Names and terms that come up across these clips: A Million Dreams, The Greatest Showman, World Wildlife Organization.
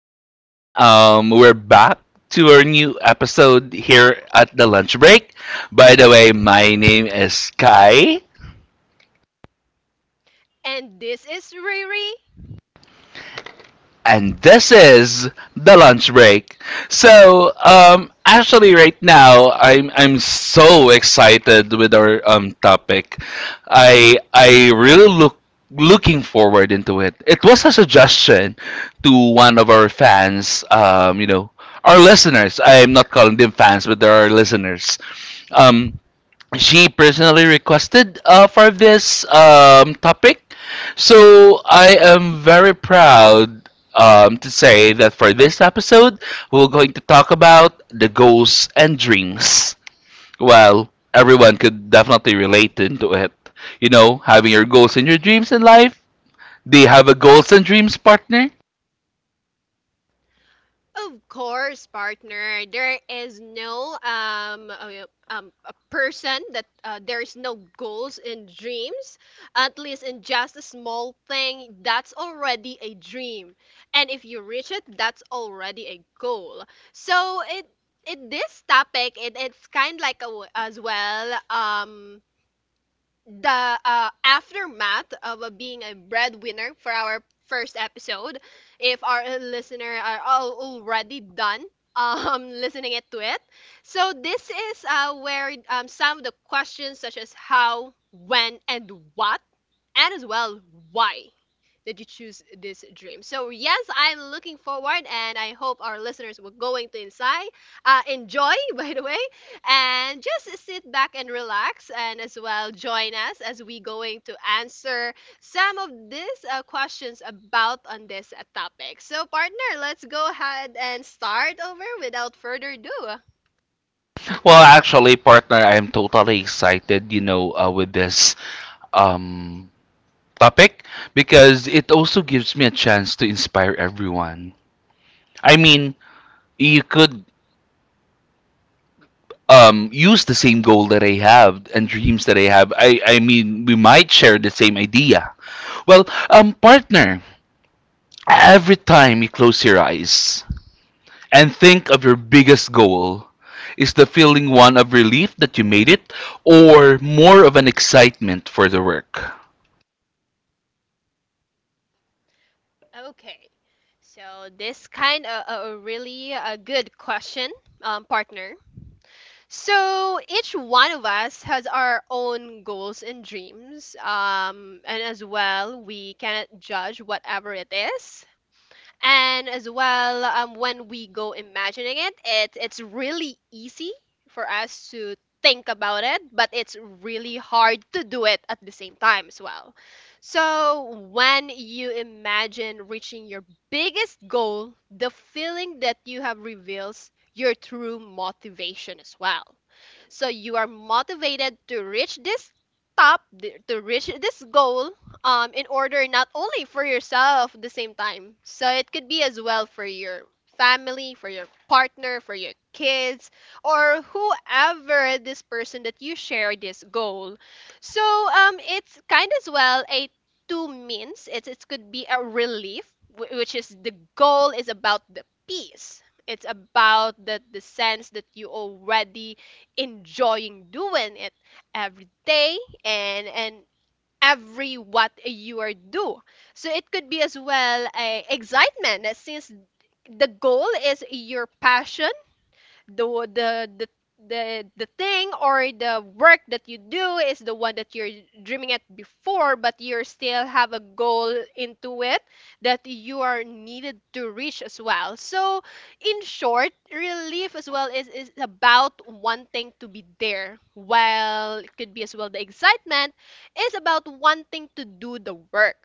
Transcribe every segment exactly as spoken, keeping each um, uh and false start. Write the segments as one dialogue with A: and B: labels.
A: everyone. Um, we're back to our new episode here at the lunch break. By the way, my name is Kai.
B: And this is Riri.
A: And this is the lunch break. So, um, actually, right now I'm I'm so excited with our um topic. I I really look looking forward into it. It was a suggestion to one of our fans. Um, you know, our listeners. I'm not calling them fans, but they are listeners. Um, she personally requested uh, for this um, topic. So I am very proud um, to say that for this episode, we're going to talk about the goals and dreams. Well, everyone could definitely relate into it. You know, having your goals and your dreams in life. Do you have a goals and dreams partner?
B: Of course, partner. There is no um uh, um a person that uh, there is no goals and dreams. At least in just a small thing, that's already a dream. And if you reach it, that's already a goal. So it it this topic it, it's kind like a, w- as well um the uh, aftermath of uh, being a breadwinner for our first episode. If our listener are all already done um listening it to it, so this is uh, where um, some of the questions such as how, when, and what, and as well why did you choose this dream. So yes, I'm looking forward, and I hope our listeners will going to inside uh, enjoy by the way and just sit back and relax and as well join us as we going to answer some of these uh, questions about on this uh, topic. So partner, let's go ahead and start over without further ado.
A: Well, actually, partner, I am totally excited, you know, uh, with this um, topic because it also gives me a chance to inspire everyone. I mean, you could um, use the same goal that I have and dreams that I have. I, I mean, we might share the same idea. Well, um, partner, every time you close your eyes and think of your biggest goal, is the feeling one of relief that you made it or more of an excitement for the work?
B: Okay, so this kind of a really a good question, um, partner. So each one of us has our own goals and dreams. Um, and as well, we cannot judge whatever it is, and as well um, when we go imagining it, it it's really easy for us to think about it, but it's really hard to do it at the same time as well. So when you imagine reaching your biggest goal, the feeling that you have reveals your true motivation as well. So you are motivated to reach this top th- to reach this goal, um, in order not only for yourself at the same time. So it could be as well for your family, for your partner, for your kids, or whoever this person that you share this goal. So um, it's kind as well a two means. It it could be a relief, wh- which is the goal is about the peace. It's about the, the sense that you already enjoying doing it every day, and and every what you are do. So it could be as well a excitement, uh, since the goal is your passion. The the the the the thing or the work that you do is the one that you're dreaming at before, but you still have a goal into it that you are needed to reach as well. So in short, relief as well is is about wanting to be there, while it could be as well the excitement is about wanting to do the work.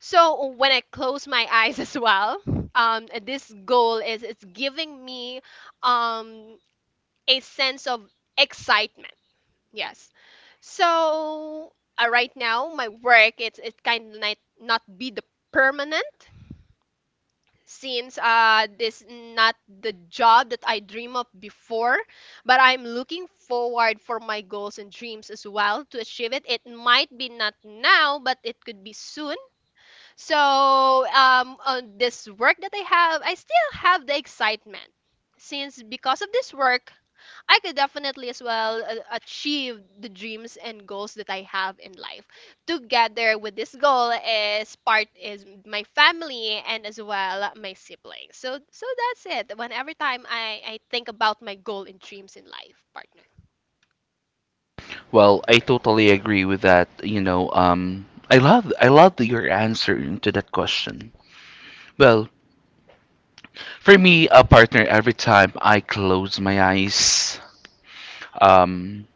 B: So when I close my eyes as well, um, this goal is, it's giving me, um, a sense of excitement. Yes. So uh, right now, my work, it's it kind of might not be the permanent, since uh, this not the job that I dream of before, but I'm looking forward for my goals and dreams as well to achieve it. It might be not now, but it could be soon. So um, on this work that I have, I still have the excitement, since because of this work, I could definitely as well uh, achieve the dreams and goals that I have in life. Together with this goal is part is my family and as well my siblings. So so that's it. When every time I I think about my goal and dreams in life, partner.
A: Well, I totally agree with that. You know, um, I love I love your answer to that question. Well, for me, a partner every time I close my eyes, um,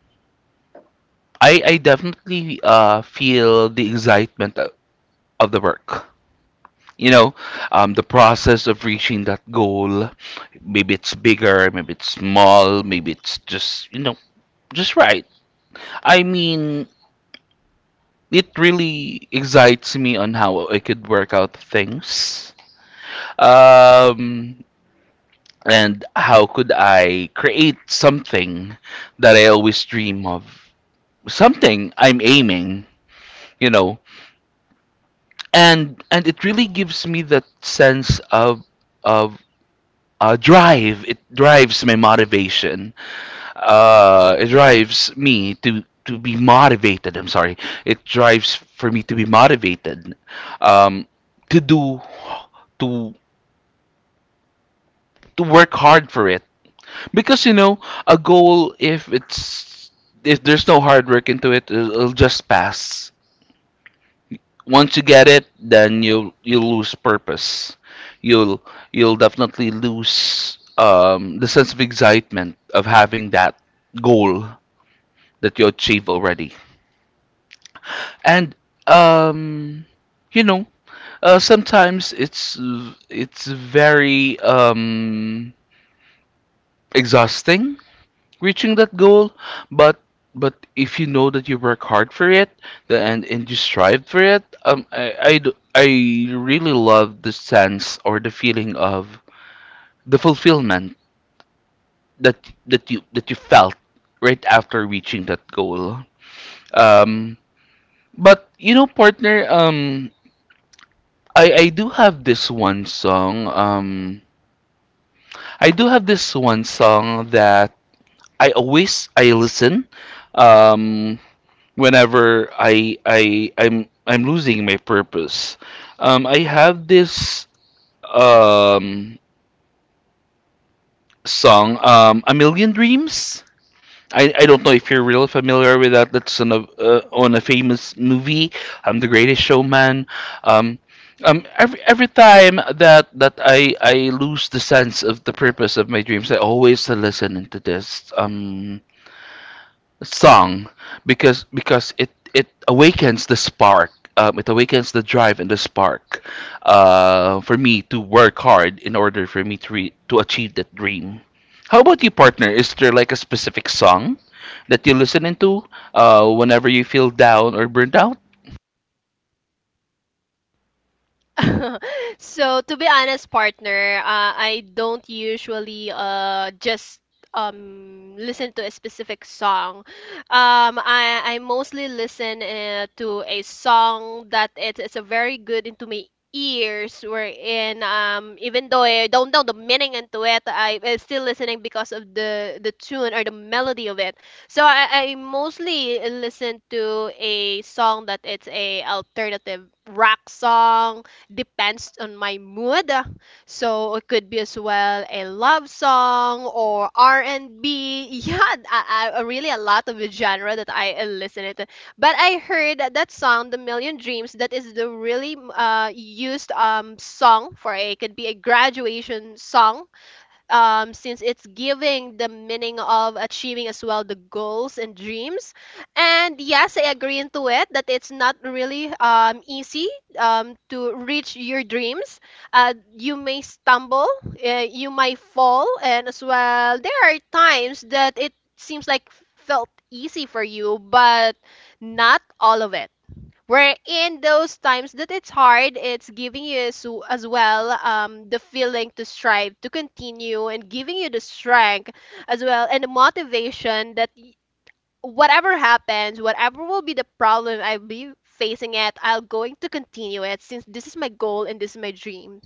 A: I I definitely uh feel the excitement o- of the work. You know, um, the process of reaching that goal. Maybe it's bigger, maybe it's small, maybe it's just, you know, just right. I mean, it really excites me on how I could work out things. Um, and how could I create something that I always dream of? Something I'm aiming, you know. And and it really gives me that sense of of uh, drive. It drives my motivation. Uh, it drives me to to be motivated. I'm sorry. It drives for me to be motivated um, to do to to work hard for it. Because you know, a goal if it's if there's no hard work into it, it'll, it'll just pass. Once you get it, then you'll you'll lose purpose. You'll you'll definitely lose um, the sense of excitement of having that goal that you achieve already. And um, you know, uh, sometimes it's it's very um, exhausting reaching that goal, but but if you know that you work hard for it, the, and and you strive for it. Um I, I d- I really love the sense or the feeling of the fulfillment that that you that you felt right after reaching that goal. Um but You know, partner, um I I do have this one song. um I do have this one song that I always I listen um whenever I I I'm I'm losing my purpose. Um, I have this um, song, um, "A Million Dreams." I, I don't know if you're real familiar with that. That's on a uh, on a famous movie. I'm the Greatest Showman. Um, um, every every time that that I I lose the sense of the purpose of my dreams, I always listen into this Um, song, because because it it awakens the spark. um, it awakens the drive and the spark uh, for me to work hard in order for me to re- to achieve that dream. How about you, partner? Is there like a specific song that you listen into uh, whenever you feel down or burnt out?
B: So to be honest partner, uh, I don't usually uh, just um listen to a specific song. Um, i i mostly listen uh, to a song that it, it's a very good into my ears, wherein um, even though I don't know the meaning into it, I am still listening because of the the tune or the melody of it. So i i mostly listen to a song that it's a alternative rock song, depends on my mood. So it could be as well a love song or R and B. Yeah, I, I, really a lot of the genre that I uh, listen it. But I heard that, that song, The Million Dreams, that is the really uh, used um, song for a, it could be a graduation song, um, since it's giving the meaning of achieving as well the goals and dreams. And yes, I agree into it that it's not really um, easy um, to reach your dreams. Uh, you may stumble, uh, you might fall, and as well, there are times that it seems like felt easy for you, but not all of it, where in those times that it's hard, it's giving you as, as well um, the feeling to strive to continue and giving you the strength as well and the motivation that y- whatever happens, whatever will be the problem I'll be facing it, I'll going to continue it, since this is my goal and this is my dream.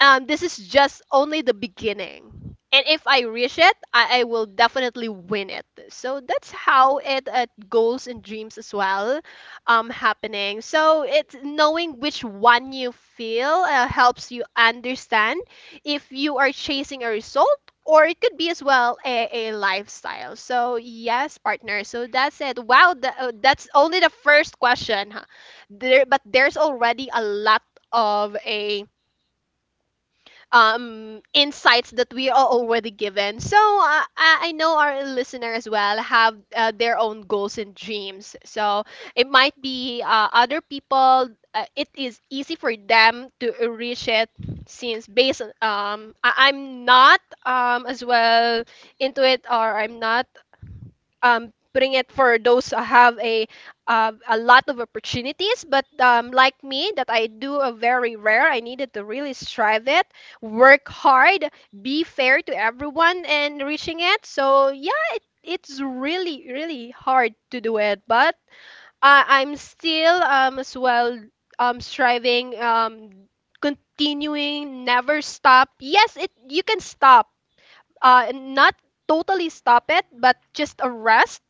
B: Um, this is just only the beginning. And if I reach it, I, I will definitely win it. So that's how it uh, goals and dreams as well um, happening. So it's knowing which one you feel uh, helps you understand if you are chasing a result, or it could be as well a, a lifestyle. So yes, partner. So that's it. Wow, tha- uh, that's only the first question. Huh? There, but there's already a lot of a um, insights that we are already given. So uh, I I know our listener as well have uh, their own goals and dreams. So it might be uh, other people. Uh, it is easy for them to reach it, since based on um, I- I'm not um as well into it, or I'm not um, putting it for those who have a uh, a lot of opportunities, but um, like me that I do a very rare, I needed to really strive it, work hard, be fair to everyone and reaching it. So yeah, it's really really hard to do it, but uh, I'm still um, as well um, striving um, continuing, never stop. Yes it, you can stop, uh, not totally stop it, but just a rest,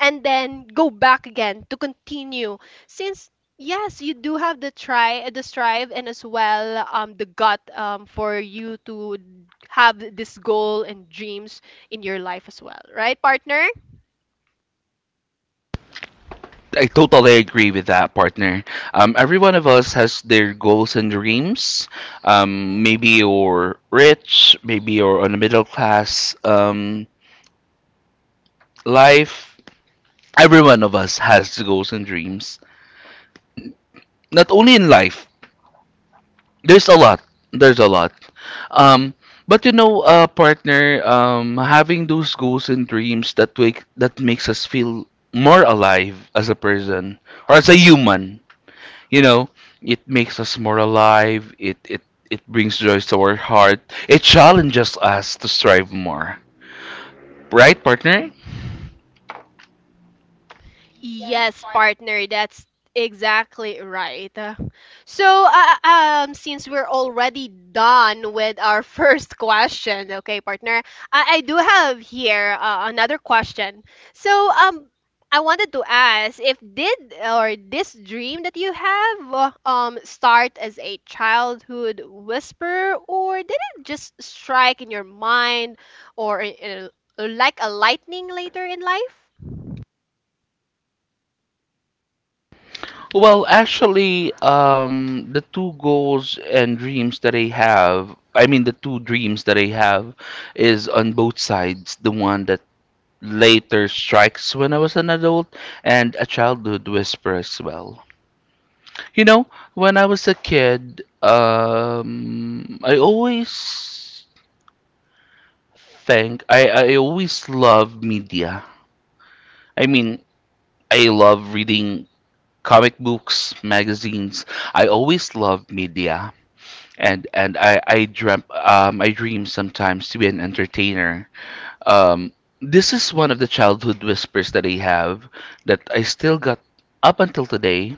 B: and then go back again to continue, since yes you do have the try, the strive, and as well um, the gut um, for you to have this goal and dreams in your life as well, right partner?
A: I totally agree with that, partner. Um, every one of us has their goals and dreams. Um, maybe you're rich, maybe you're on a middle class um, life, every one of us has goals and dreams not only in life. there's a lot there's a lot um but you know uh partner, um having those goals and dreams that wake that makes us feel more alive as a person or as a human, you know. It makes us more alive. It it it brings joy to our heart. It challenges us to strive more, right, partner?
B: Yes, partner, that's exactly right. So, uh, um, since we're already done with our first question, okay, partner, I, I do have here uh, another question. So, um, I wanted to ask if did or this dream that you have uh, um, start as a childhood whisper, or did it just strike in your mind, or in, in, like a lightning later in life?
A: Well, actually, um, the two goals and dreams that I have, I mean, the two dreams that I have is on both sides. The one that later strikes when I was an adult, and a childhood whisper as well. You know, when I was a kid, um, I always think, I, I always loved media. I mean, I love reading comic books, magazines. I always loved media. and and I I dream, um I dream sometimes to be an entertainer. Um, this is one of the childhood whispers that I have that I still got up until today.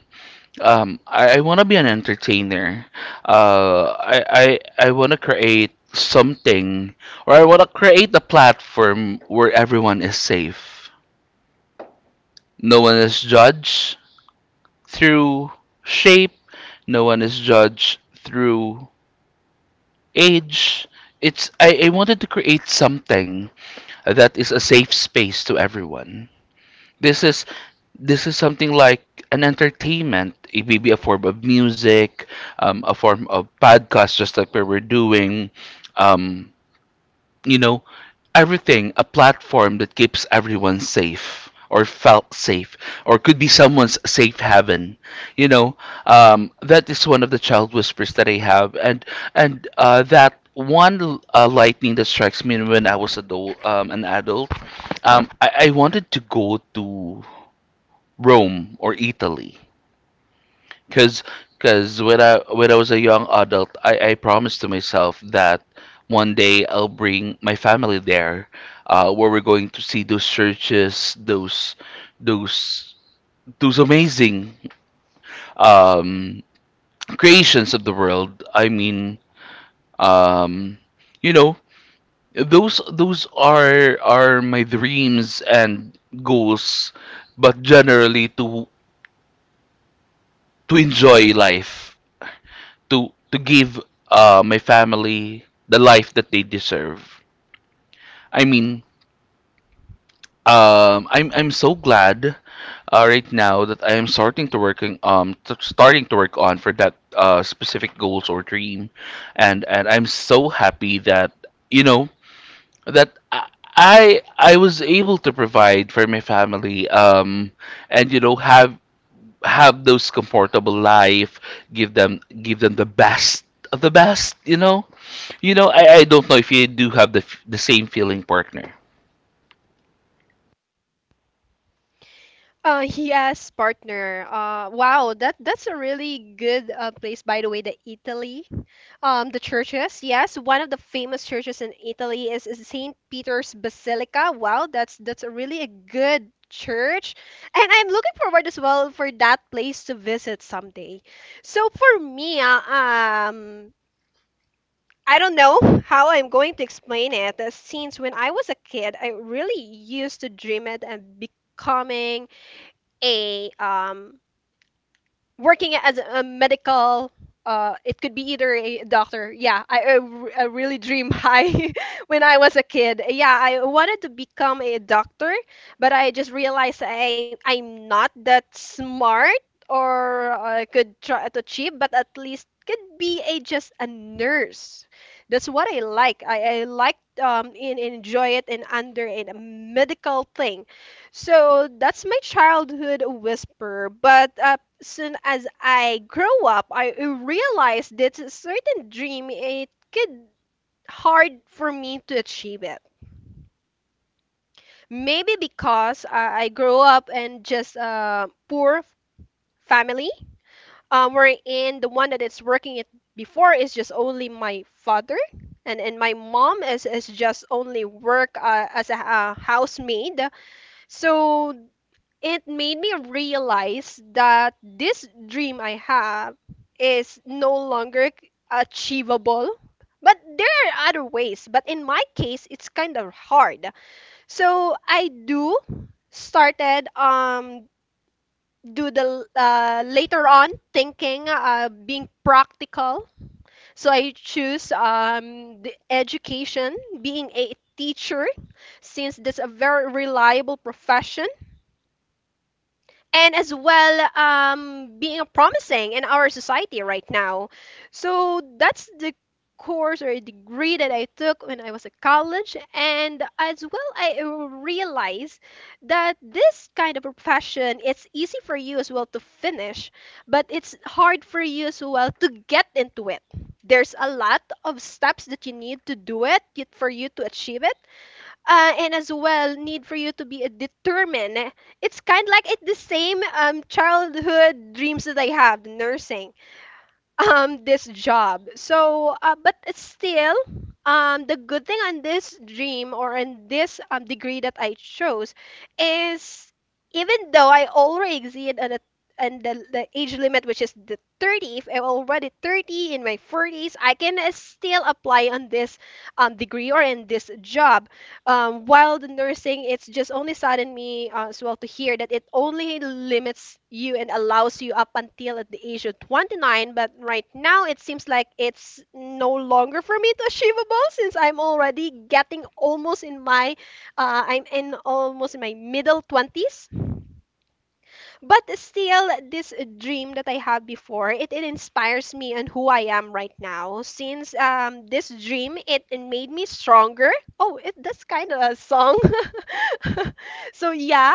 A: Um, I, I want to be an entertainer. Uh, I I I want to create something, or I want to create a platform where everyone is safe. No one is judged through shape. No one is judged through age. it's I, I wanted to create something that is a safe space to everyone. This is this is something like an entertainment. It may be a form of music, um, a form of podcast, just like we were doing. Um, you know, everything, a platform that keeps everyone safe or felt safe or could be someone's safe haven, you know. Um, that is one of the child whispers that I have. And and uh, That one uh, lightning that strikes me when I was adult, um, an adult, um, I, I wanted to go to Rome or Italy. Cause, cause when I when I was a young adult, I I promised to myself that one day I'll bring my family there, uh, where we're going to see those churches, those those those amazing um creations of the world. I mean, um, you know, those those are are my dreams and goals, but generally to to enjoy life, to to give uh, my family the life that they deserve. I mean, um, I'm I'm so glad uh, right now that I am starting to working um t- starting to work on for that uh, specific goals or dream, and and I'm so happy that you know that. I, I I was able to provide for my family, um, and you know have have those comfortable life, give them give them the best of the best, you know. You know, I, I don't know if you do have the f- the same feeling, partner.
B: Uh, yes, partner. Uh, wow, that that's a really good uh, place, by the way, the Italy. Um, the churches, yes, one of the famous churches in Italy is, is Saint Peter's Basilica. Wow, that's that's a really a good church, and I'm looking forward as well for that place to visit someday. So for me, uh, um. I don't know how I'm going to explain it. Uh, since when I was a kid, I really used to dream it and becoming a um, working as a medical, uh, it could be either a doctor. Yeah, i, I r- I really dream high when I was a kid. Yeah, I wanted to become a doctor, but I just realized, I, I'm not that smart, or I could try to achieve, but at least could be a just a nurse. That's what I like, i, I like um, and enjoy it, and under in a medical thing. So that's my childhood whisper. But uh, soon as I grow up, I realized that a certain dream it could hard for me to achieve it. Maybe because uh, I grew up in just a poor family, um, wherein the one that is working it before is just only my father. And, and my mom is, is just only work uh, as a, a housemaid. So it made me realize that this dream I have is no longer c- achievable. But there are other ways, but in my case it's kind of hard. So I do started um, do the uh, later on thinking uh, being practical. So I choose um, the education, being a teacher, since that's a very reliable profession, and as well um, being promising in our society right now. So that's the course or degree that I took when I was at college, and as well I uh, realized that this kind of a profession it's easy for you as well to finish, but it's hard for you as well to get into it. There's a lot of steps that you need to do it y- for you to achieve it, uh, and as well need for you to be a determined. It's kind of like it's the same um, childhood dreams that I have, nursing, um, this job. So, uh, but still, um, the good thing on this dream or in this um, degree that I chose is even though I already exceed on a and the, the age limit, which is the thirty, if I'm already thirty, in my forties I can uh, still apply on this um, degree or in this job. Um, while the nursing, it's just only saddened me uh, as well to hear that it only limits you and allows you up until at the age of twenty-nine. But right now, it seems like it's no longer for me to achievable, since I'm already getting almost in my, uh, I'm in almost in my middle twenties. But still, this dream that I have before, it, it inspires me and who I am right now. Since um, this dream, it, it made me stronger. Oh, it, that's kind of a song. so yeah,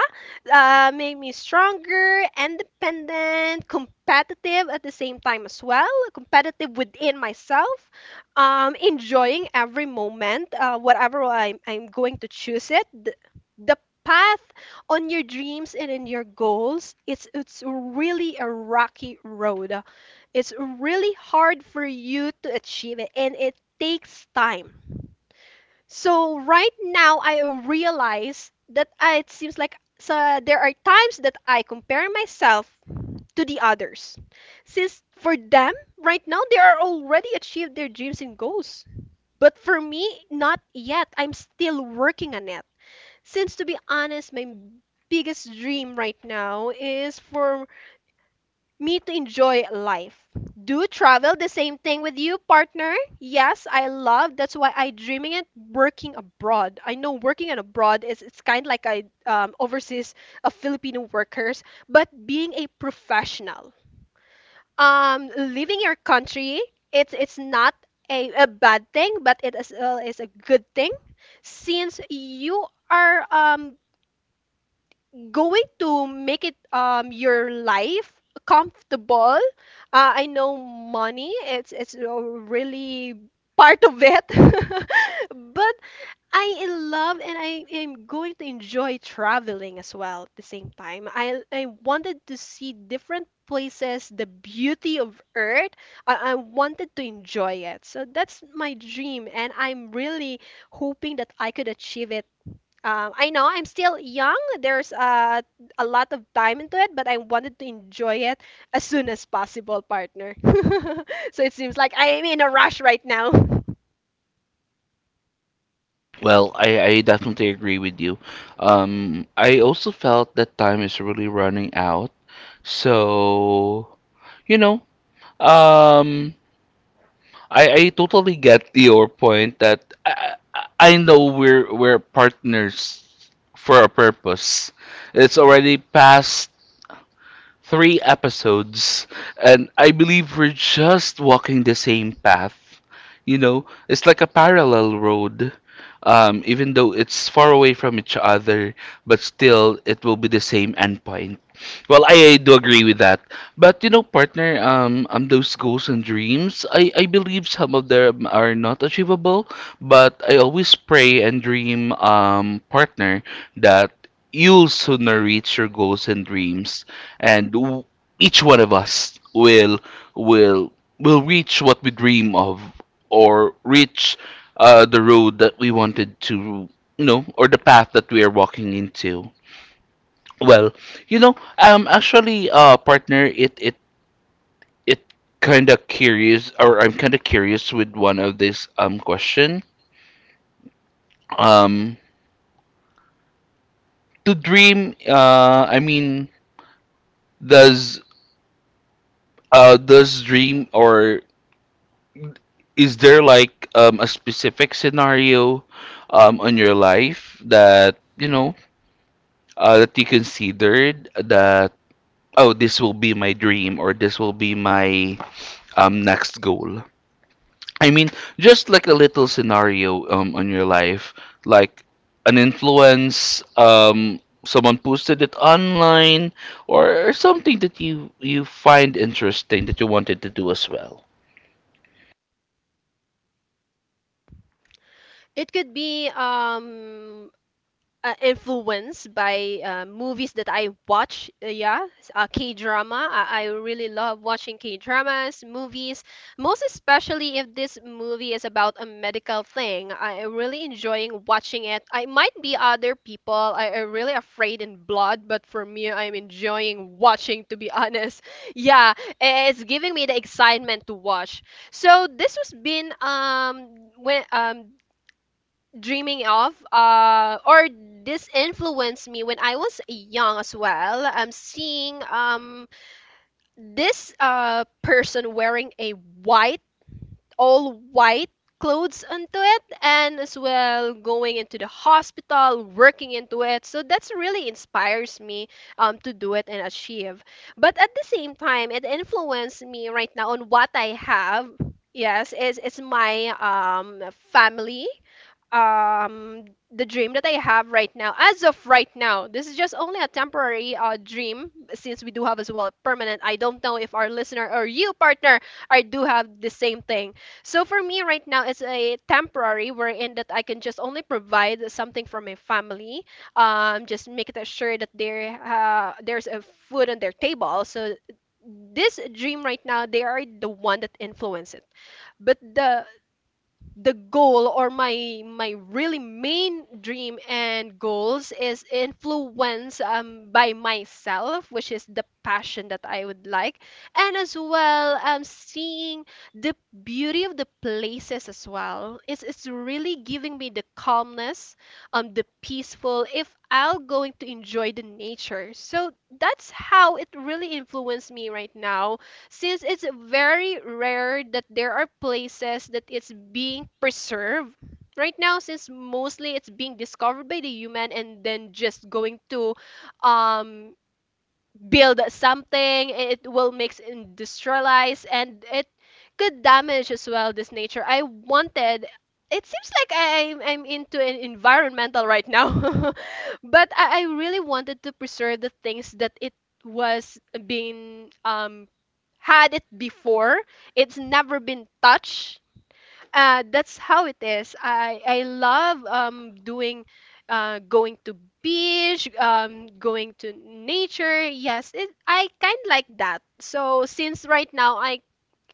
B: uh, Made me stronger, independent, competitive at the same time as well. Competitive within myself, um, enjoying every moment, uh, whatever I'm, I'm going to choose it. The, the path on your dreams and in your goals, it's it's really a rocky road. It's really hard for you to achieve it, and it takes time. So right now I realize that I- it seems like so there are times that I compare myself to the others. Since for them right now they are already achieved their dreams and goals. But for me, not yet. I'm still working on it. Since, to be honest, my biggest dream right now is for me to enjoy life. Do travel, the same thing with you, partner. Yes, I love. That's why I dreaming it working abroad. I know working and abroad is it's kind of like I um, overseas of Filipino workers, but being a professional, um, leaving your country, it's it's not a, a bad thing, but it as well is a good thing, since you are um going to make it um your life comfortable. Uh, I know money it's it's a really part of it, but I love and I am going to enjoy traveling as well at the same time. I I wanted to see different places, the beauty of Earth. I, I wanted to enjoy it. So that's my dream, and I'm really hoping that I could achieve it. um, I know I'm still young. There's uh, a lot of time into it, but I wanted to enjoy it as soon as possible, partner. so it seems like I'm in a rush right now.
A: Well, I, I definitely agree with you. Um, I also felt that time is really running out. So, you know, um, I, I totally get your point that I, I I know we're we're partners for a purpose. It's already past three episodes, and I believe we're just walking the same path. You know, it's like a parallel road. Um, even though it's far away from each other, but still it will be the same endpoint. Well, I, I do agree with that. But you know, partner, um, um, those goals and dreams, I, I believe some of them are not achievable, but I always pray and dream, um, partner, that you'll sooner reach your goals and dreams and w- each one of us will will will reach what we dream of or reach uh, the road that we wanted to, you know, or the path that we are walking into. Well, you know, um actually uh partner, it it it kind of curious, or I'm kind of curious with one of this um question. Um to dream uh I mean does uh does dream or Is there like um, a specific scenario um, on your life that you know, uh, that you considered that, oh, this will be my dream or this will be my um, next goal? I mean, just like a little scenario um, on your life, like an influence, um, someone posted it online, or something that you you find interesting that you wanted to do as well.
B: It could be um, uh, influenced by uh, movies that I watch. Uh, yeah, s- uh, K drama. I, I really love watching K dramas, movies, most especially if this movie is about a medical thing. I am really enjoying watching it. I might be other people. I am really afraid in blood, but for me, I'm enjoying watching. To be honest, yeah, i- it's giving me the excitement to watch. So this was been um when um dreaming of uh or this influenced me when I was young as well. I'm seeing um this uh person wearing a white all white clothes onto it and as well going into the hospital working into it, so that's really inspires me um to do it and achieve. But at the same time it influenced me right now on what I have. Yes, is it's my um family. Um the dream that I have right now, as of right now, this is just only a temporary uh, dream since we do have as well permanent. I don't know if our listener or you partner I do have the same thing. So for me right now, it's a temporary wherein that I can just only provide something for my family. Um, just make it sure that there uh, there's a food on their table. So this dream right now, they are the one that influence it. But the the goal or my my really main dream and goals is influenced um by myself, which is the passion that I would like. And as well um seeing the beauty of the places as well, it's it's really giving me the calmness, um the peaceful if I'm going to enjoy the nature. So that's how it really influenced me right now, since it's very rare that there are places that it's being preserved right now, since mostly it's being discovered by the human and then just going to um build something. It will mix industrialize, and it could damage as well this nature. I wanted it seems like I'm, I'm into an environmental right now. But I, I really wanted to preserve the things that it was being um had it before. It's never been touched. Uh, that's how it is. I I love um doing uh going to beach, um going to nature. Yes, it, I kind of like that. So since right now I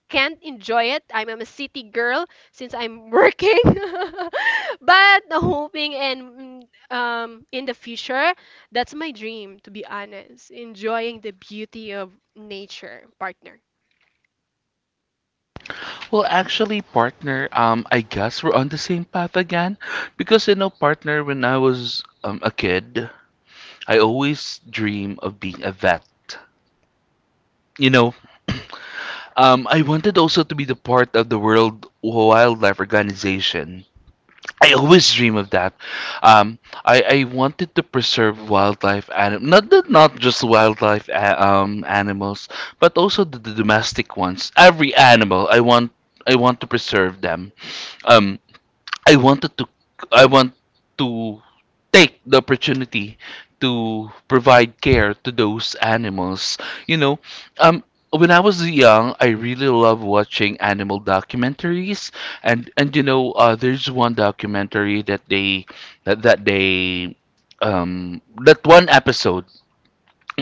B: can't enjoy it. I'm, I'm a city girl since I'm working. but hoping and mm, um in the future, that's my dream, to be honest, enjoying the beauty of nature, partner.
A: Well, actually, partner, um, I guess we're on the same path again. Because, you know, partner, when I was um, a kid, I always dream of being a vet. You know, um, I wanted also to be the part of the World Wildlife Organization. I always dream of that. Um, I, I wanted to preserve wildlife anim not not not just wildlife a- um, animals, but also the, the domestic ones. Every animal, I want I want to preserve them. Um, I wanted to I want to take the opportunity to provide care to those animals. You know, um when I was young, I really loved watching animal documentaries. And and you know, uh, there's one documentary that they that, that they um that one episode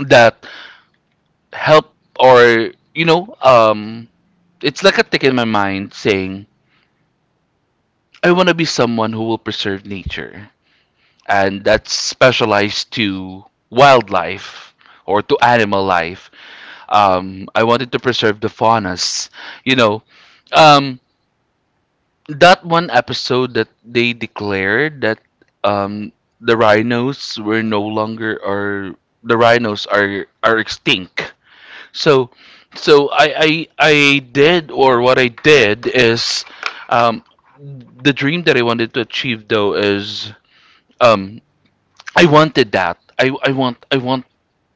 A: that helped, or you know, um it's like a tick in my mind saying I want to be someone who will preserve nature, and that's specialized to wildlife or to animal life. Um, I wanted to preserve the faunas. You know, um, that one episode that they declared that um, the rhinos were no longer or the rhinos are are extinct. So, so I I, I did, or what I did is um, the dream that I wanted to achieve though is, um, I wanted that. I, I want I want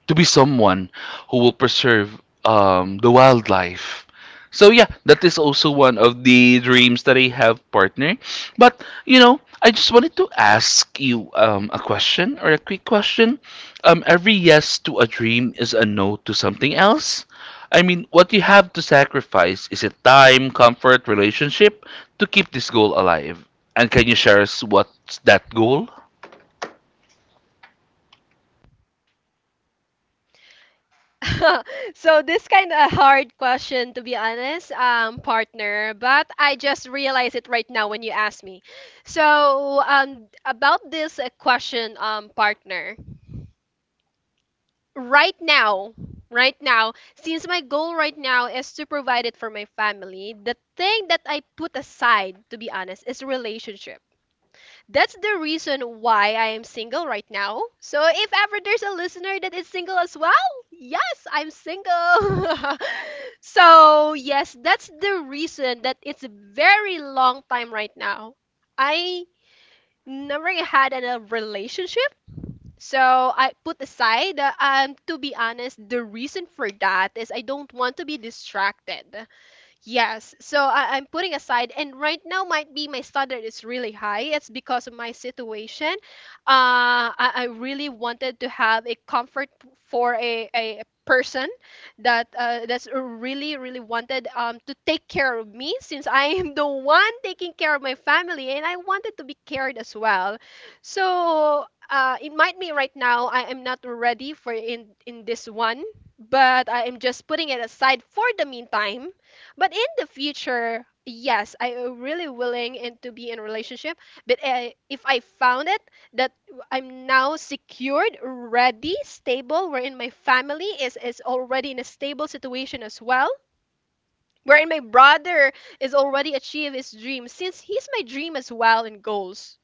A: to be someone who will preserve um, the wildlife. So yeah, that is also one of the dreams that I have, partner. But you know, I just wanted to ask you um, a question, or a quick question. Um, every yes to a dream is a no to something else. I mean, what you have to sacrifice, is it time, comfort, relationship to keep this goal alive? And can you share us what's that goal?
B: so this kind of hard question, to be honest, um partner, but I just realized it right now when you asked me. So um about this uh, question, um partner, right now. Right now, since my goal right now is to provide it for my family, the thing that I put aside, to be honest, is relationship. That's the reason why I am single right now. So if ever there's a listener that is single as well, yes, I'm single. so yes, that's the reason that it's a very long time right now. I never had an- a relationship. So I put aside, uh, um, to be honest, the reason for that is I don't want to be distracted. Yes, so I, I'm putting aside, and right now might be my standard is really high. It's because of my situation. Uh, I, I really wanted to have a comfort for a, a person that uh, that's really really wanted um, to take care of me, since I am the one taking care of my family, and I wanted to be cared as well. So uh, it might be right now I am not ready for in in this one, but I am just putting it aside for the meantime. But in the future, yes, I am really willing and to be in a relationship. But uh, if I found it that I'm now secured, ready, stable, wherein my family is is already in a stable situation as well, wherein my brother is already achieved his dream, since he's my dream as well in goals.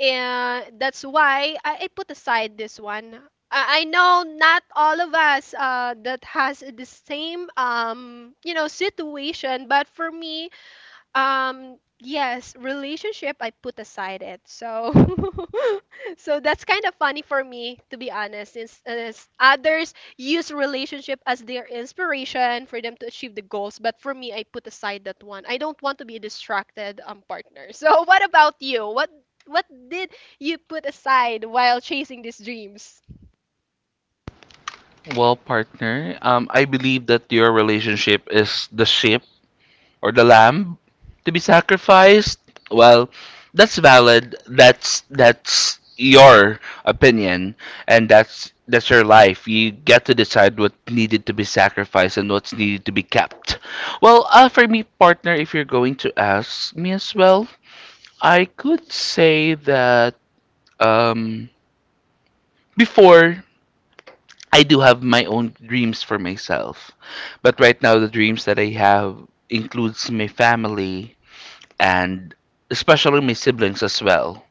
B: And that's why I, I put aside this one. I, I know not all of us uh, that has the same um you know situation, but for me, um, yes, relationship, I put aside it. So, so that's kind of funny for me, to be honest, since as others use relationship as their inspiration for them to achieve the goals. But for me, I put aside that one. I don't want to be a distracted um partner. So, what about you? What what did you put aside while chasing these dreams?
A: Well, partner, um, I believe that your relationship is the sheep, or the lamb to be sacrificed. Well, that's valid. That's that's your opinion, and that's that's your life. You get to decide what needed to be sacrificed and what's needed to be kept. Well, uh, for me, partner, if you're going to ask me as well, I could say that um, before, I do have my own dreams for myself. But right now, the dreams that I have includes my family, and especially my siblings as well.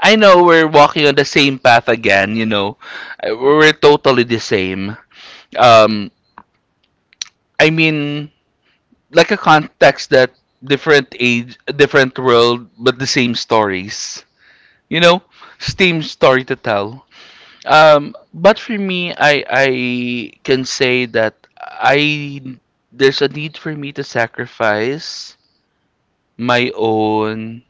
A: I know we're walking on the same path again, you know. Uh, We're totally the same. Um, I mean, like a context that different age, different world, but the same stories. You know, same story to tell. Um, but for me, I I can say that I there's a need for me to sacrifice my own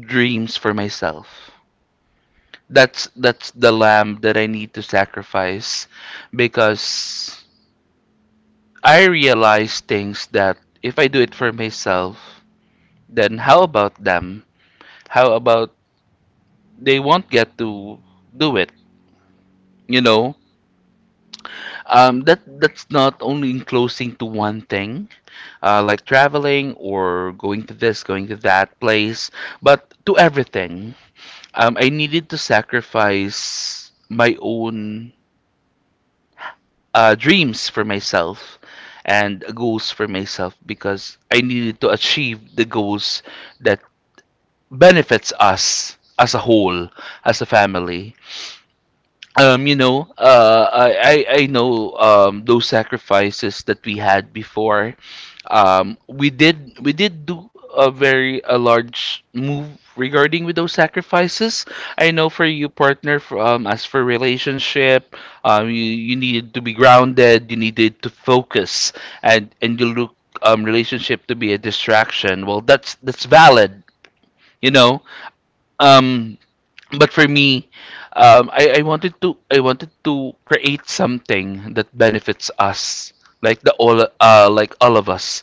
A: dreams for myself. That's that's the lamb that I need to sacrifice, because I realize things that if I do it for myself, then how about them? How about they won't get to do it? You know, um, that that's not only enclosing to one thing, uh, like traveling or going to this, going to that place, but to everything. Um, I needed to sacrifice my own uh, dreams for myself and goals for myself, because I needed to achieve the goals that benefits us as a whole, as a family. Um, you know, uh, I, I I know um, those sacrifices that we had before. Um, we did we did do a very a large move regarding with those sacrifices. I know for you, partner, for, um, as for relationship, um, you you needed to be grounded. You needed to focus, and and you look um, relationship to be a distraction. Well, that's that's valid. You know, um, but for me, um, I, I wanted to I wanted to create something that benefits us, like the all uh, like all of us,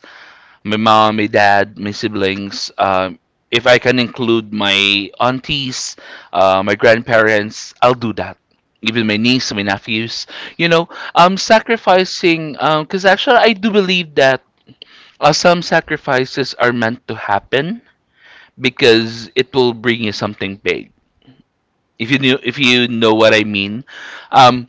A: my mom, my dad, my siblings. Um, if I can include my aunties, uh, my grandparents, I'll do that. Even my niece, my nephews. You know, um, sacrificing. Um, because actually, I do believe that uh, some sacrifices are meant to happen, because it will bring you something big, if you know, if you know what I mean. Um,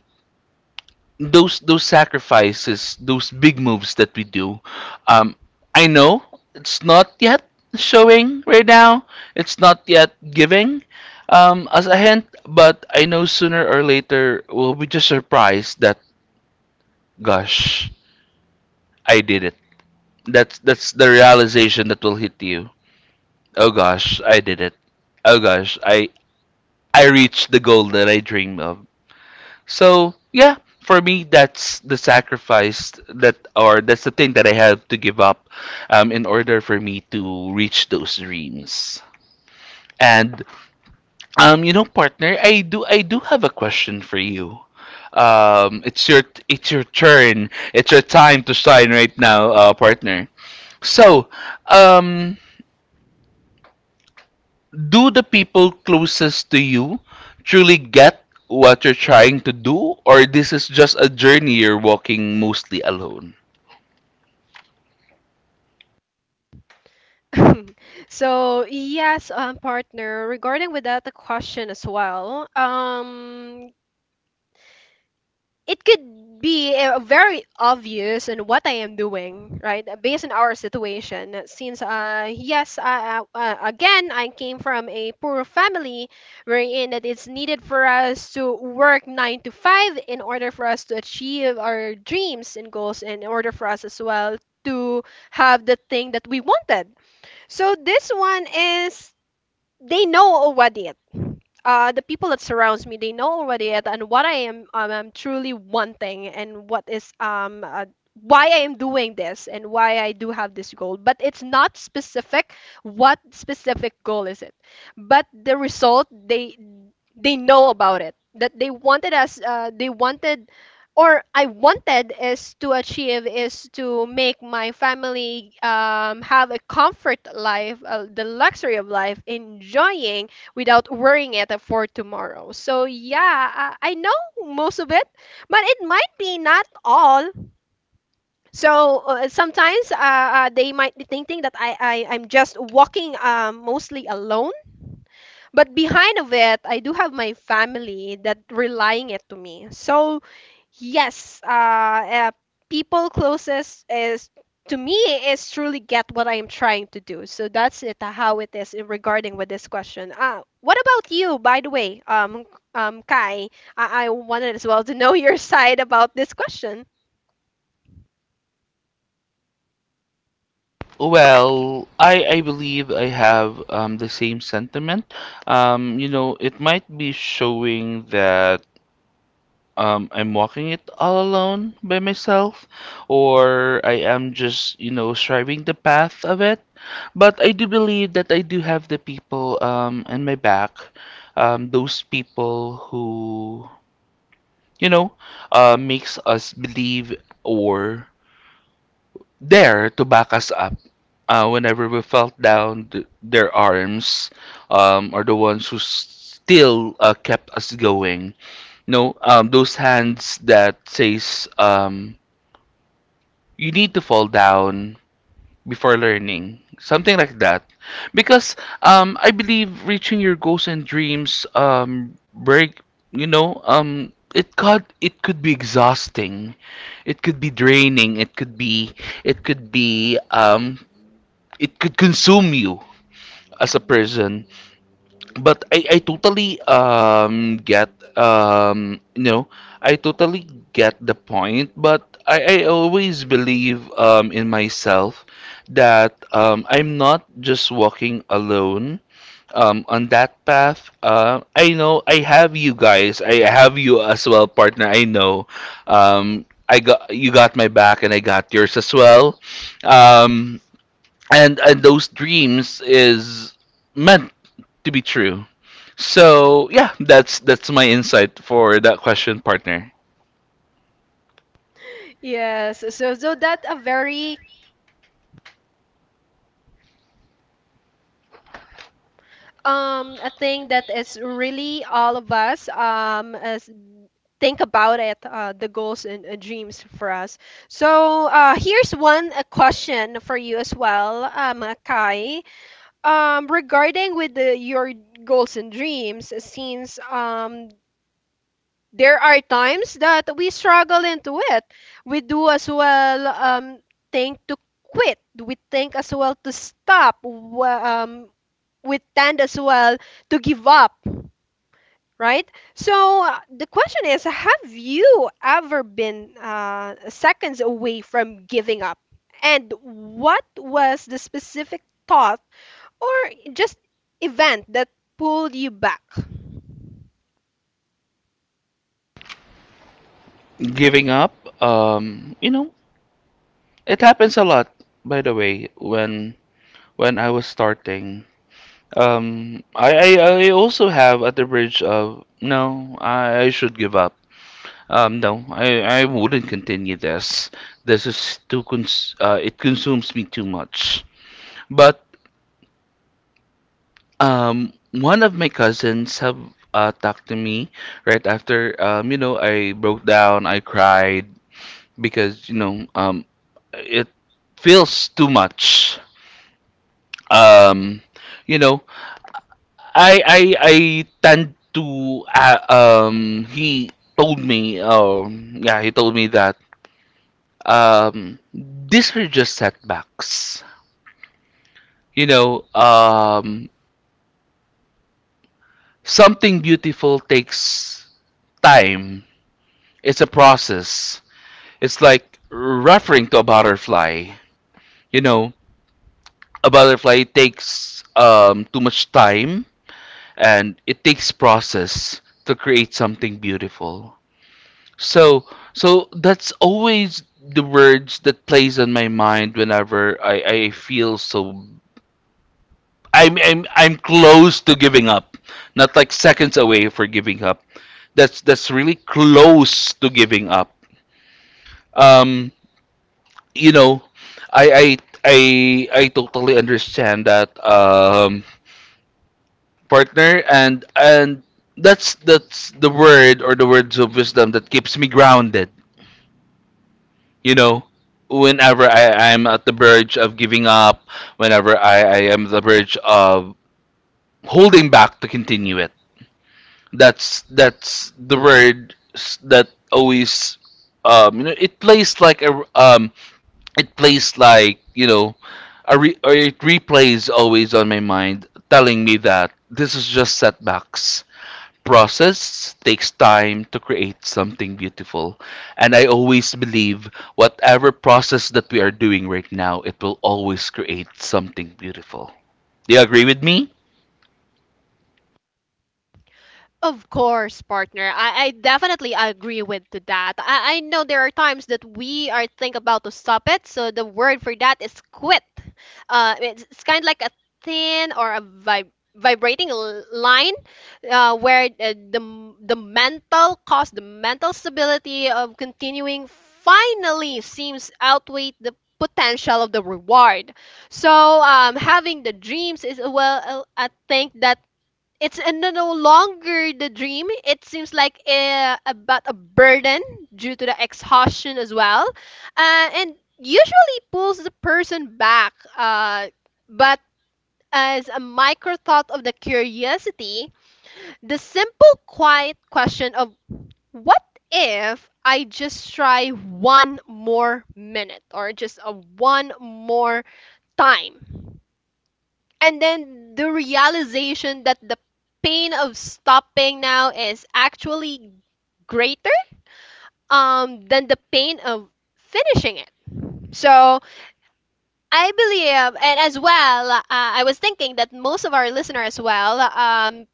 A: those those sacrifices, those big moves that we do, um, I know it's not yet showing right now. It's not yet giving, um, as a hint, but I know sooner or later we'll be just surprised that gosh, I did it. That's that's the realization that will hit you. Oh gosh, I did it. Oh gosh, I I reached the goal that I dreamed of. So yeah, for me, that's the sacrifice that, or that's the thing that I have to give up, um, in order for me to reach those dreams. And um, you know, partner, I do, I do have a question for you. Um, it's your, it's your turn. It's your time to shine right now, uh, partner. So, um, do the people closest to you truly get what you're trying to do, or this is just a journey you're walking mostly alone?
B: so yes, um, partner. Regarding with that the question as well. Um, it could be uh, very obvious in what I am doing, right? Based on our situation, since uh yes, uh, uh, uh, again I came from a poor family, wherein that it's needed for us to work nine to five in order for us to achieve our dreams and goals, in order for us as well to have the thing that we wanted. So this one is they know already uh, the people that surrounds me, they know already it and what I am um, I'm truly wanting and what is um uh, why I am doing this and why I do have this goal. But it's not specific. What specific goal is it? But the result, they they know about it. That they wanted us. Uh, they wanted. Or I wanted is to achieve is to make my family um, have a comfort life, uh, the luxury of life, enjoying without worrying it for tomorrow. So yeah, I, I know most of it, but it might be not all. So uh, sometimes uh, uh, they might be thinking that I, I I'm just walking uh, mostly alone, but behind of it, I do have my family that relying it to me. So yes, uh, uh people closest is to me is truly get what I am trying to do. So that's it uh, how it is in regarding with this question. Uh, what about you, by the way, um, um, Kai? I, I wanted as well to know your side about this question.
A: Well, I I believe I have um the same sentiment. Um, you know, it might be showing that um I'm walking it all alone by myself, or I am just, you know, striving the path of it. But I do believe that I do have the people um in my back, um those people who, you know, uh makes us believe, or there to back us up. Uh, whenever we felt down, th their arms um, are the ones who s- still uh, kept us going. No, um, those hands that says um, you need to fall down before learning, something like that. Because um, I believe reaching your goals and dreams, um, break, you know, um, it could it could be exhausting. It could be draining. It could be it could be um, it could consume you as a person. But I, I totally um get um you know I totally get the point. But I, I always believe um in myself that um I'm not just walking alone um on that path. Uh, I know I have you guys. I have you as well, partner. I know. Um, I got you got my back, and I got yours as well. Um, and and those dreams is meant to be true. So yeah, that's that's my insight for that question, partner.
B: Yes, so so that a very um a thing that is really all of us um as think about it, uh, the goals and uh, dreams for us. So uh, here's one uh question for you as well, um, uh, Kai. Um, regarding with the, your goals and dreams, since um, there are times that we struggle into it, we do as well um, think to quit. We think as well to stop. Wa- Um, we tend as well to give up, right? So uh, the question is, have you ever been uh, seconds away from giving up? And what was the specific thought or just event that pulled you back?
A: Giving up, um, you know, it happens a lot. By the way, when when I was starting, um, I I, I also have at the bridge of no, I, I should give up. Um, no, I, I wouldn't continue this. This is too cons- uh, it consumes me too much. But Um, one of my cousins have uh, talked to me right after, um, you know, I broke down, I cried because, you know, um, it feels too much. Um, you know, I I I tend to uh, um he told me um yeah, he told me that um these are just setbacks. You know, um something beautiful takes time. It's a process. It's like referring to a butterfly. You know, a butterfly takes um, too much time, and it takes process to create something beautiful. So, so that's always the words that plays on my mind whenever I, I feel so I'm, I'm I'm close to giving up. Not like seconds away for giving up. That's that's really close to giving up. Um you know, I I I I totally understand that um partner, and and that's that's the word, or the words of wisdom that keeps me grounded, you know. Whenever I, I'm at the verge of giving up, whenever I, I am the verge of holding back to continue it. That's that's the word s- that always um you know it plays like a r- um it plays like you know a re- or it replays always on my mind, telling me that this is just setbacks, process takes time to create something beautiful. And I always believe whatever process that we are doing right now, it will always create something beautiful. Do you agree with me?
B: Of course, partner. I, I definitely agree with to that. I, I know there are times that we are think about to stop it, so the word for that is quit. Uh, it's, it's kind of like a thin or a vib- vibrating l- line uh, where uh, the, m- the mental cost, the mental stability of continuing finally seems outweigh the potential of the reward. So um, having the dreams is well a, a thing that it's uh, no no longer the dream. It seems like a, about a burden due to the exhaustion as well, uh, and usually pulls the person back. Uh, but as a micro thought of the curiosity, the simple, quiet question of what if I just try one more minute or just a one more time? And then the realization that the pain of stopping now is actually greater um than the pain of finishing it. So I believe and as well uh, I was thinking that most of our listeners as well um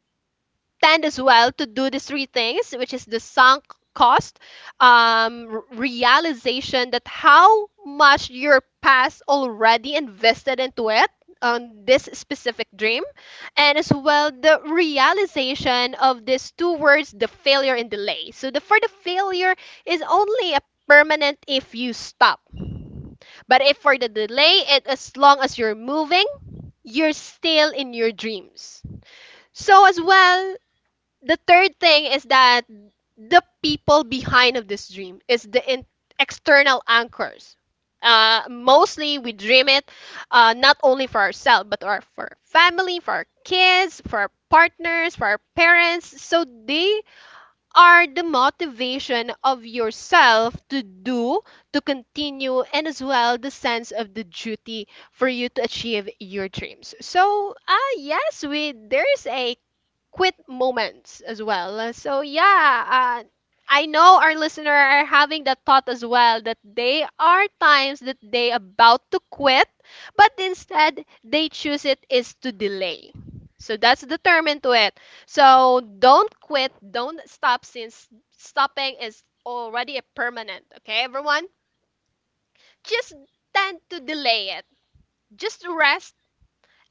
B: tend as well to do these three things, which is the sunk cost um r- realization that how much your past already invested into it on this specific dream, and as well the realization of these two words, the failure and delay. So the for the failure is only a permanent if you stop, but if for the delay it as long as you're moving, you're still in your dreams. So as well the third thing is that the people behind of this dream is the in- external anchors. uh, mostly we dream it uh, not only for ourselves but our, for our family, for our kids, for our partners, for our parents, so they are the motivation of yourself to do, to continue, and as well the sense of the duty for you to achieve your dreams. So uh, yes, we there's a quit moments as well. So yeah, uh, I know our listener are having that thought as well that they are times that they about to quit, but instead they choose it is to delay. So that's determined to it. So don't quit, don't stop, since stopping is already a permanent. Okay, everyone? Just tend to delay it. Just rest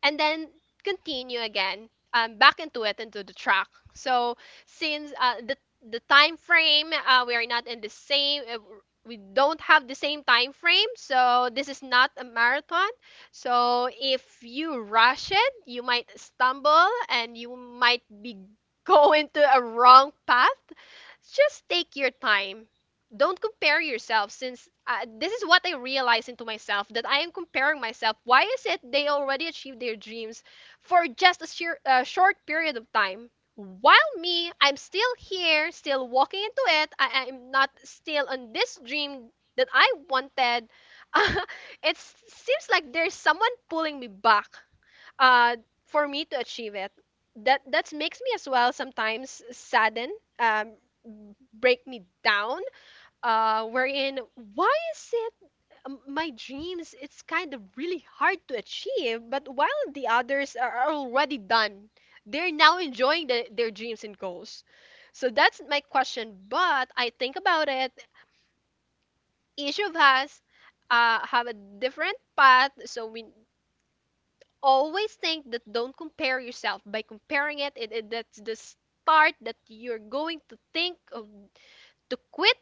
B: and then continue again, um, back into it, into the track. So since uh, the the time frame uh, we are not in the same uh, we don't have the same time frame, so this is not a marathon. So if you rush it, you might stumble, and you might be go into a wrong path. Just take your time. Don't compare yourself, since uh, this is what I realized into myself, that I am comparing myself. Why is it they already achieved their dreams for just a sheer, uh, short period of time, while me I'm still here, still walking into it. I am not still on this dream that I wanted. It seems like there's someone pulling me back uh, for me to achieve it. That that makes me as well sometimes sadden, um, break me down, uh, wherein why is it um, my dreams it's kind of really hard to achieve, but while the others are are already done, they're now enjoying the, their dreams and goals. So that's my question, but I think about it, each of us uh, have a different path. So we always think that don't compare yourself, by comparing it, it, it that's the start that you're going to think of to quit.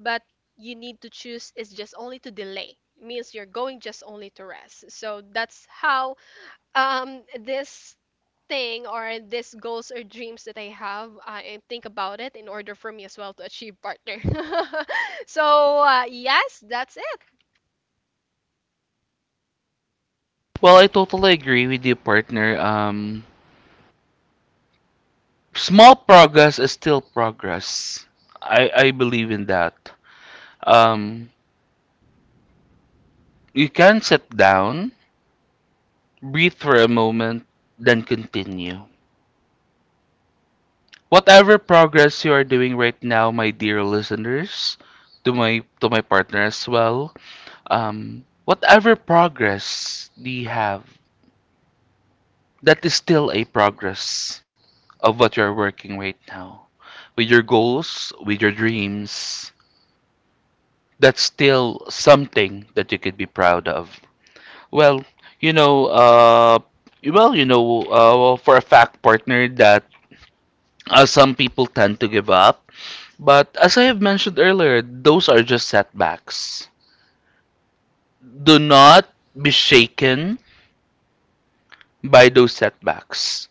B: But you need to choose is just only to delay. It means you're going just only to rest. So that's how um this thing or this goals or dreams that I have, I think about it in order for me as well to achieve, partner. So uh, yes, that's it.
A: Well, I totally agree with you, partner. Um small progress is still progress. I i believe in that. um you can sit down, breathe for a moment, then continue. Whatever progress you are doing right now, my dear listeners, to my to my partner as well, um, whatever progress do you have, that is still a progress of what you are working right now. With your goals, with your dreams, that's still something that you could be proud of. Well, you know, uh, well, you know, uh, for a fact, partner, that uh, some people tend to give up. But as I have mentioned earlier, those are just setbacks. Do not be shaken by those setbacks.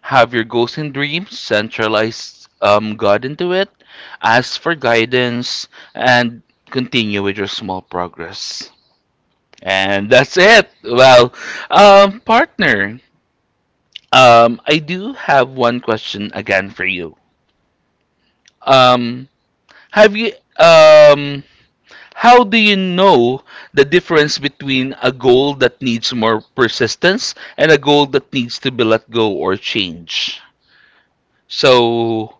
A: Have your goals and dreams, centralize um, God into it, ask for guidance, and continue with your small progress. And that's it. Well, um, partner, um, I do have one question again for you. Um, have you um How do you know the difference between a goal that needs more persistence, and a goal that needs to be let go or change? So,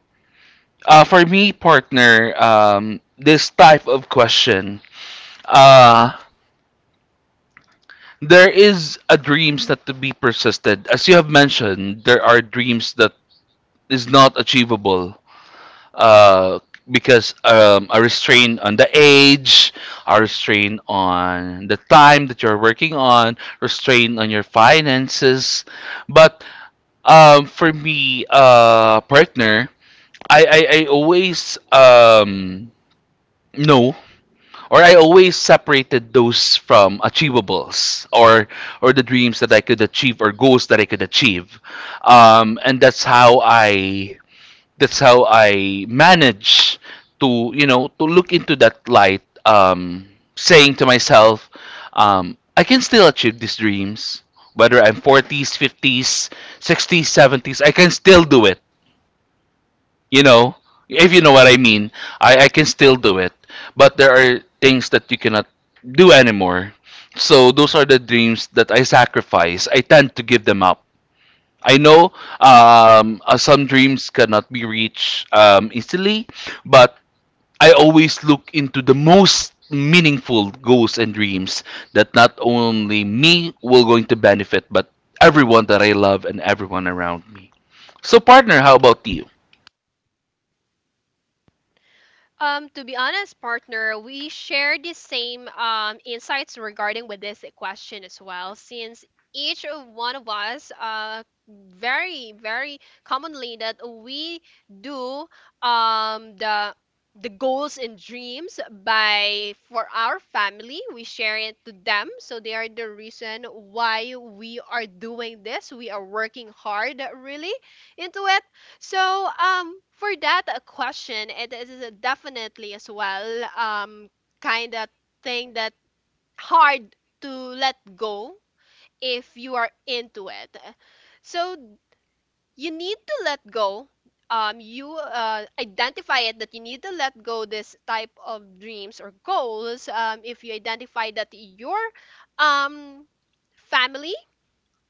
A: uh, for me, partner, um, this type of question, uh, there is a dreams that to be persisted. As you have mentioned, there are dreams that is not achievable, uh, because um, a restraint on the age, a restraint on the time that you're working on, restraint on your finances. But um, for me, uh, partner, I, I, I always um, know, or I always separated those from achievables, or or the dreams that I could achieve, or goals that I could achieve. Um, and that's how I that's how I manage to, you know, to look into that light, um, saying to myself, um, I can still achieve these dreams, whether I'm forties, fifties, sixties, seventies. I can still do it. You know, if you know what I mean, I I can still do it. But there are things that you cannot do anymore. So those are the dreams that I sacrifice. I tend to give them up I know um, uh, Some dreams cannot be reached um, easily, but I always look into the most meaningful goals and dreams that not only me will going to benefit, but everyone that I love and everyone around me. So, partner, how about you?
B: Um, to be honest, partner, we share the same um, insights regarding with this question as well, since each of one of us uh, very very commonly that we do um, the the goals and dreams by for our family, we share it to them, so they are the reason why we are doing this, we are working hard really into it. So, um, for that uh, question, it is a- definitely as well, um, kind of thing that hard to let go if you are into it. So you need to let go. Um, you uh, identify it that you need to let go this type of dreams or goals. Um, if you identify that your um family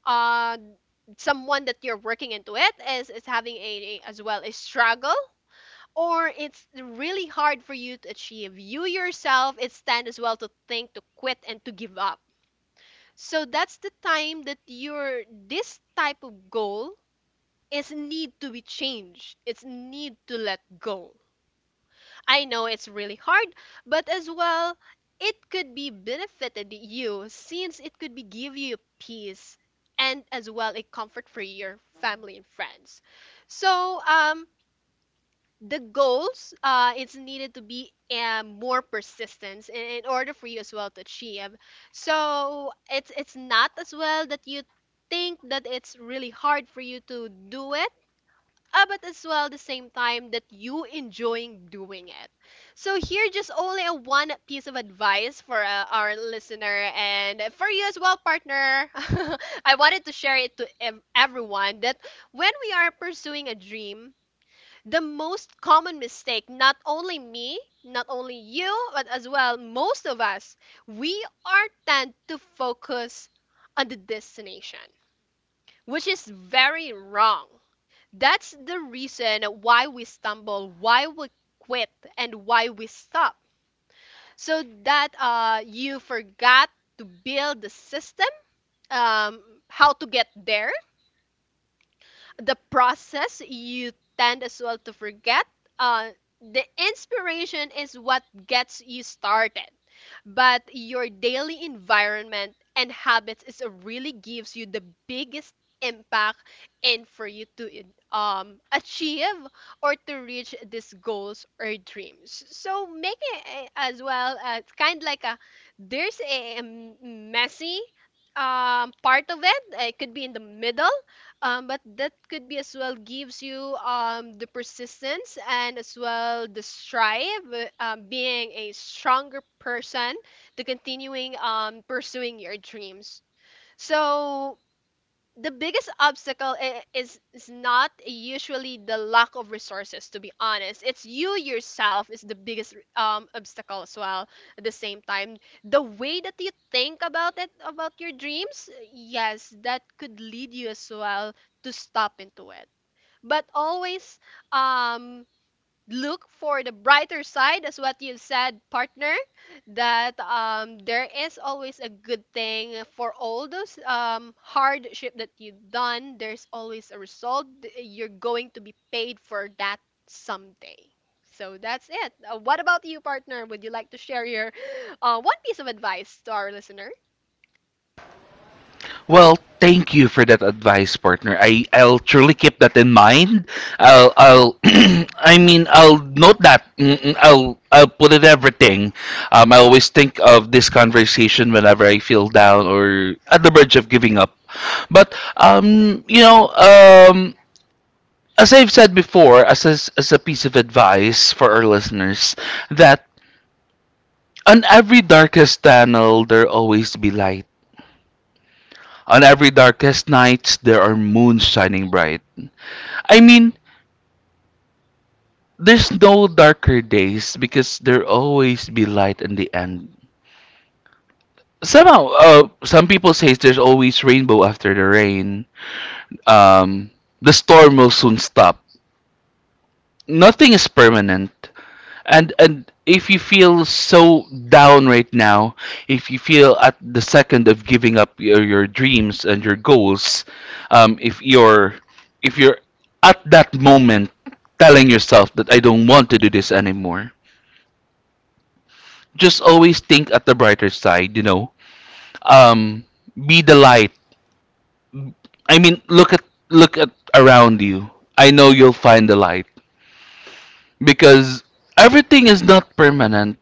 B: uh someone that you're working into it is is having a a- as well a struggle, or it's really hard for you to achieve. You yourself, it's tend as well to think, to quit, and to give up. So that's the time that your this type of goal is need to be changed. It's need to let go. I know it's really hard, but as well, it could be benefited you since it could be give you peace and as well a comfort for your family and friends. So um the goals uh it's needed to be um, more persistence in, in order for you as well to achieve. So it's it's not as well that you think that it's really hard for you to do it, uh, but as well the same time that you enjoying doing it. So here just only a one piece of advice for uh, our listener and for you as well, partner. I wanted to share it to ev- everyone that when we are pursuing a dream, the most common mistake, not only me, not only you, but as well most of us, we are tend to focus on the destination, which is very wrong. That's the reason why we stumble, why we quit, and why we stop. So that uh, you forgot to build the system, um, how to get there, the process you tend as well to forget uh the inspiration is what gets you started, but your daily environment and habits is a really gives you the biggest impact, and for you to in- um achieve or to reach these goals or dreams. So make it eh, as well uh, it's kind of like a there's a um, messy um part of it, it could be in the middle, um, but that could be as well gives you um, the persistence and as well the strive, uh, um, being a stronger person to continuing um, pursuing your dreams. So the biggest obstacle i- is is not usually the lack of resources, to be honest. It's you yourself is the biggest um obstacle as well at the same time. The way that you think about it about your dreams, yes, that could lead you as well to stop into it. But always um look for the brighter side, as what you said, partner, that um, there is always a good thing for all those um, hardship that you've done, there's always a result. Th- you're going to be paid for that someday. So that's it. uh, what about you, partner? Would you like to share your uh, one piece of advice to our listener?
A: Well, thank you for that advice, partner. I I'll truly keep that in mind. I'll I'll I mean I'll note that. Mm, mm, I'll I'll put it everything. Um, I always think of this conversation whenever I feel down or at the verge of giving up. But um, you know, um, as I've said before, as a, as a piece of advice for our listeners, that on every darkest tunnel there always be light. On every darkest nights, there are moons shining bright. I mean, there's no darker days because there always be light in the end. Somehow, uh, some people say there's always rainbow after the rain. Um, the storm will soon stop. Nothing is permanent. And and if you feel so down right now, if you feel at the second of giving up your, your dreams and your goals, um, if you're if you're at that moment telling yourself that I don't want to do this anymore, just always think at the brighter side, you know. Um, be the light. I mean, look at look at around you. I know you'll find the light because everything is not permanent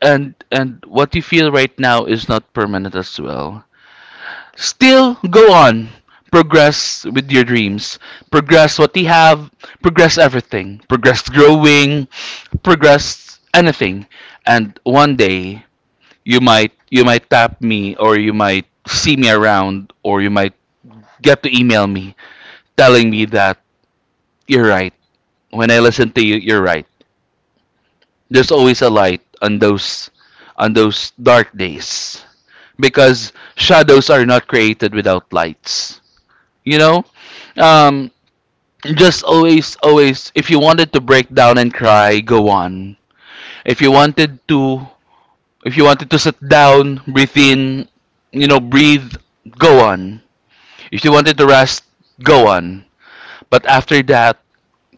A: and and what you feel right now is not permanent as well. Still go on. Progress with your dreams. Progress what you have. Progress everything. Progress growing. Progress anything. And one day you might you might tap me or you might see me around or you might get to email me telling me that you're right. When I listen to you, you're right. There's always a light on those on those dark days. Because shadows are not created without lights. You know? Um, just always, always, if you wanted to break down and cry, go on. If you wanted to, if you wanted to sit down, breathe in, you know, breathe, go on. If you wanted to rest, go on. But after that,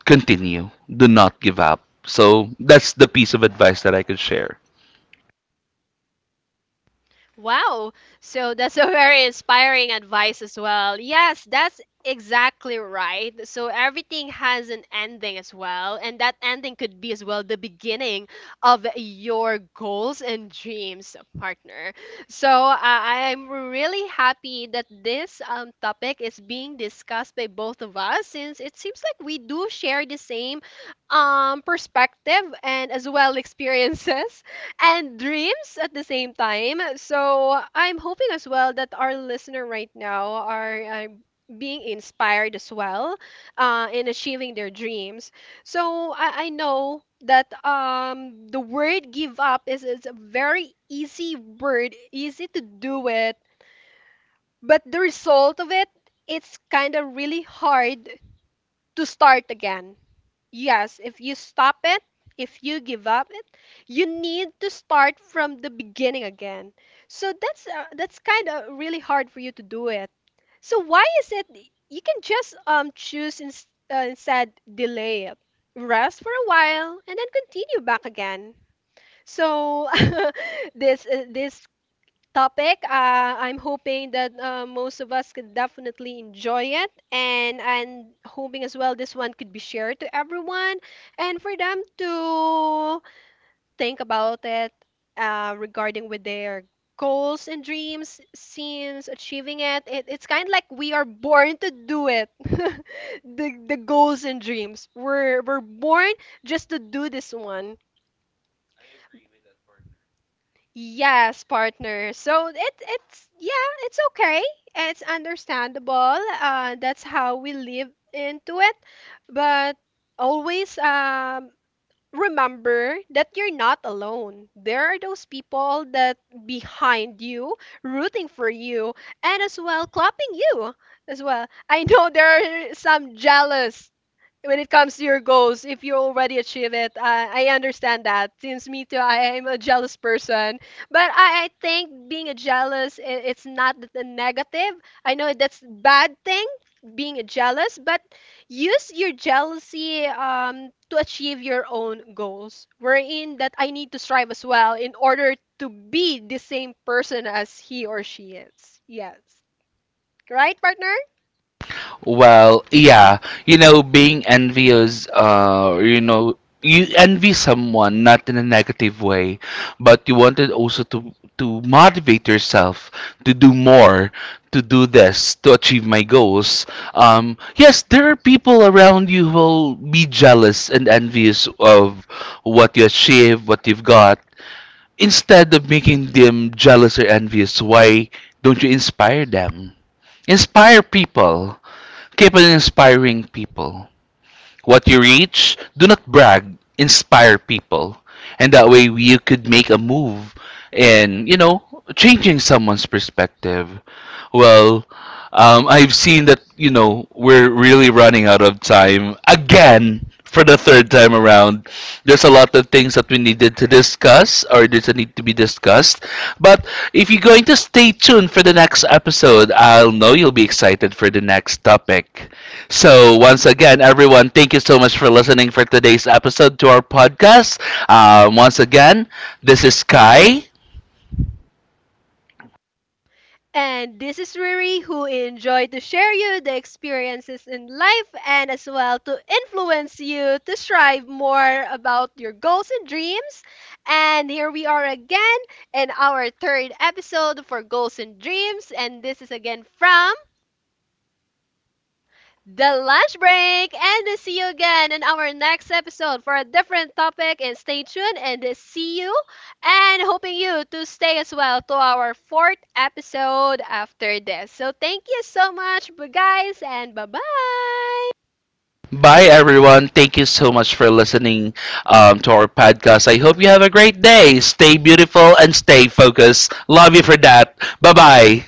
A: continue. Do not give up. So that's the piece of advice that I could share.
B: Wow. So that's a very inspiring advice as well. Yes, that's exactly right. So everything has an ending as well. And that ending could be as well the beginning of your goals and dreams, partner. So uh, I'm really happy that this um, topic is being discussed by both of us, since it seems like we do share the same um, perspective and as well experiences and dreams at the same time. So I'm hoping as well that our listener right now are uh, being inspired as well uh, in achieving their dreams. So I, I know that um, the word give up is, is a very easy word, easy to do it, but the result of it, it's kind of really hard to start again. Yes, if you stop it, if you give up it, you need to start from the beginning again. So that's uh, that's kind of really hard for you to do it. So why is it you can just um choose ins uh, instead delay it, rest for a while, and then continue back again. So this uh, this topic. Uh, I'm hoping that uh, most of us could definitely enjoy it, and and hoping as well this one could be shared to everyone, and for them to think about it uh, regarding with their goals and dreams, since achieving it, it it's kind of like we are born to do it. the the goals and dreams we're we're born just to do this one. Yes, partner. So it it's yeah, it's okay. It's understandable. Uh, that's how we live into it. But always um remember that you're not alone. There are those people that behind you, rooting for you, and as well clapping you as well. I know there are some jealous when it comes to your goals if you already achieve it. I, I understand that, since me too, I am a jealous person. But I, I think being a jealous, i- it's not the negative. I know that's bad thing being a jealous, but use your jealousy um, to achieve your own goals, wherein that I need to strive as well in order to be the same person as he or she is. Yes. Right, partner?
A: Well, yeah, you know, being envious, uh, you know, you envy someone not in a negative way, but you wanted also to to motivate yourself to do more, to do this, to achieve my goals. Um, yes, there are people around you who will be jealous and envious of what you achieve, what you've got. Instead of making them jealous or envious, why don't you inspire them? Inspire people. Keep on inspiring people. What you reach, do not brag, inspire people. And that way you could make a move in, you know, changing someone's perspective. Well, um, I've seen that, you know, we're really running out of time again for the third time around. There's a lot of things that we needed to discuss or there's a need to be discussed. But if you're going to stay tuned for the next episode, I'll know you'll be excited for the next topic. So, once again, everyone, thank you so much for listening for today's episode to our podcast. Um, once again, this is Kai.
B: And this is Riri who enjoyed to share you the experiences in life and as well to influence you to strive more about your goals and dreams. And here we are again in our third episode for Goals and Dreams. And this is again from the lunch break, and see you again in our next episode for a different topic. And stay tuned and see you, and hoping you to stay as well to our fourth episode after this. So thank you so much, bu- guys, and bye bye.
A: Bye, everyone. Thank you so much for listening um, to our podcast. I hope you have a great day. Stay beautiful and stay focused. Love you for that. Bye bye.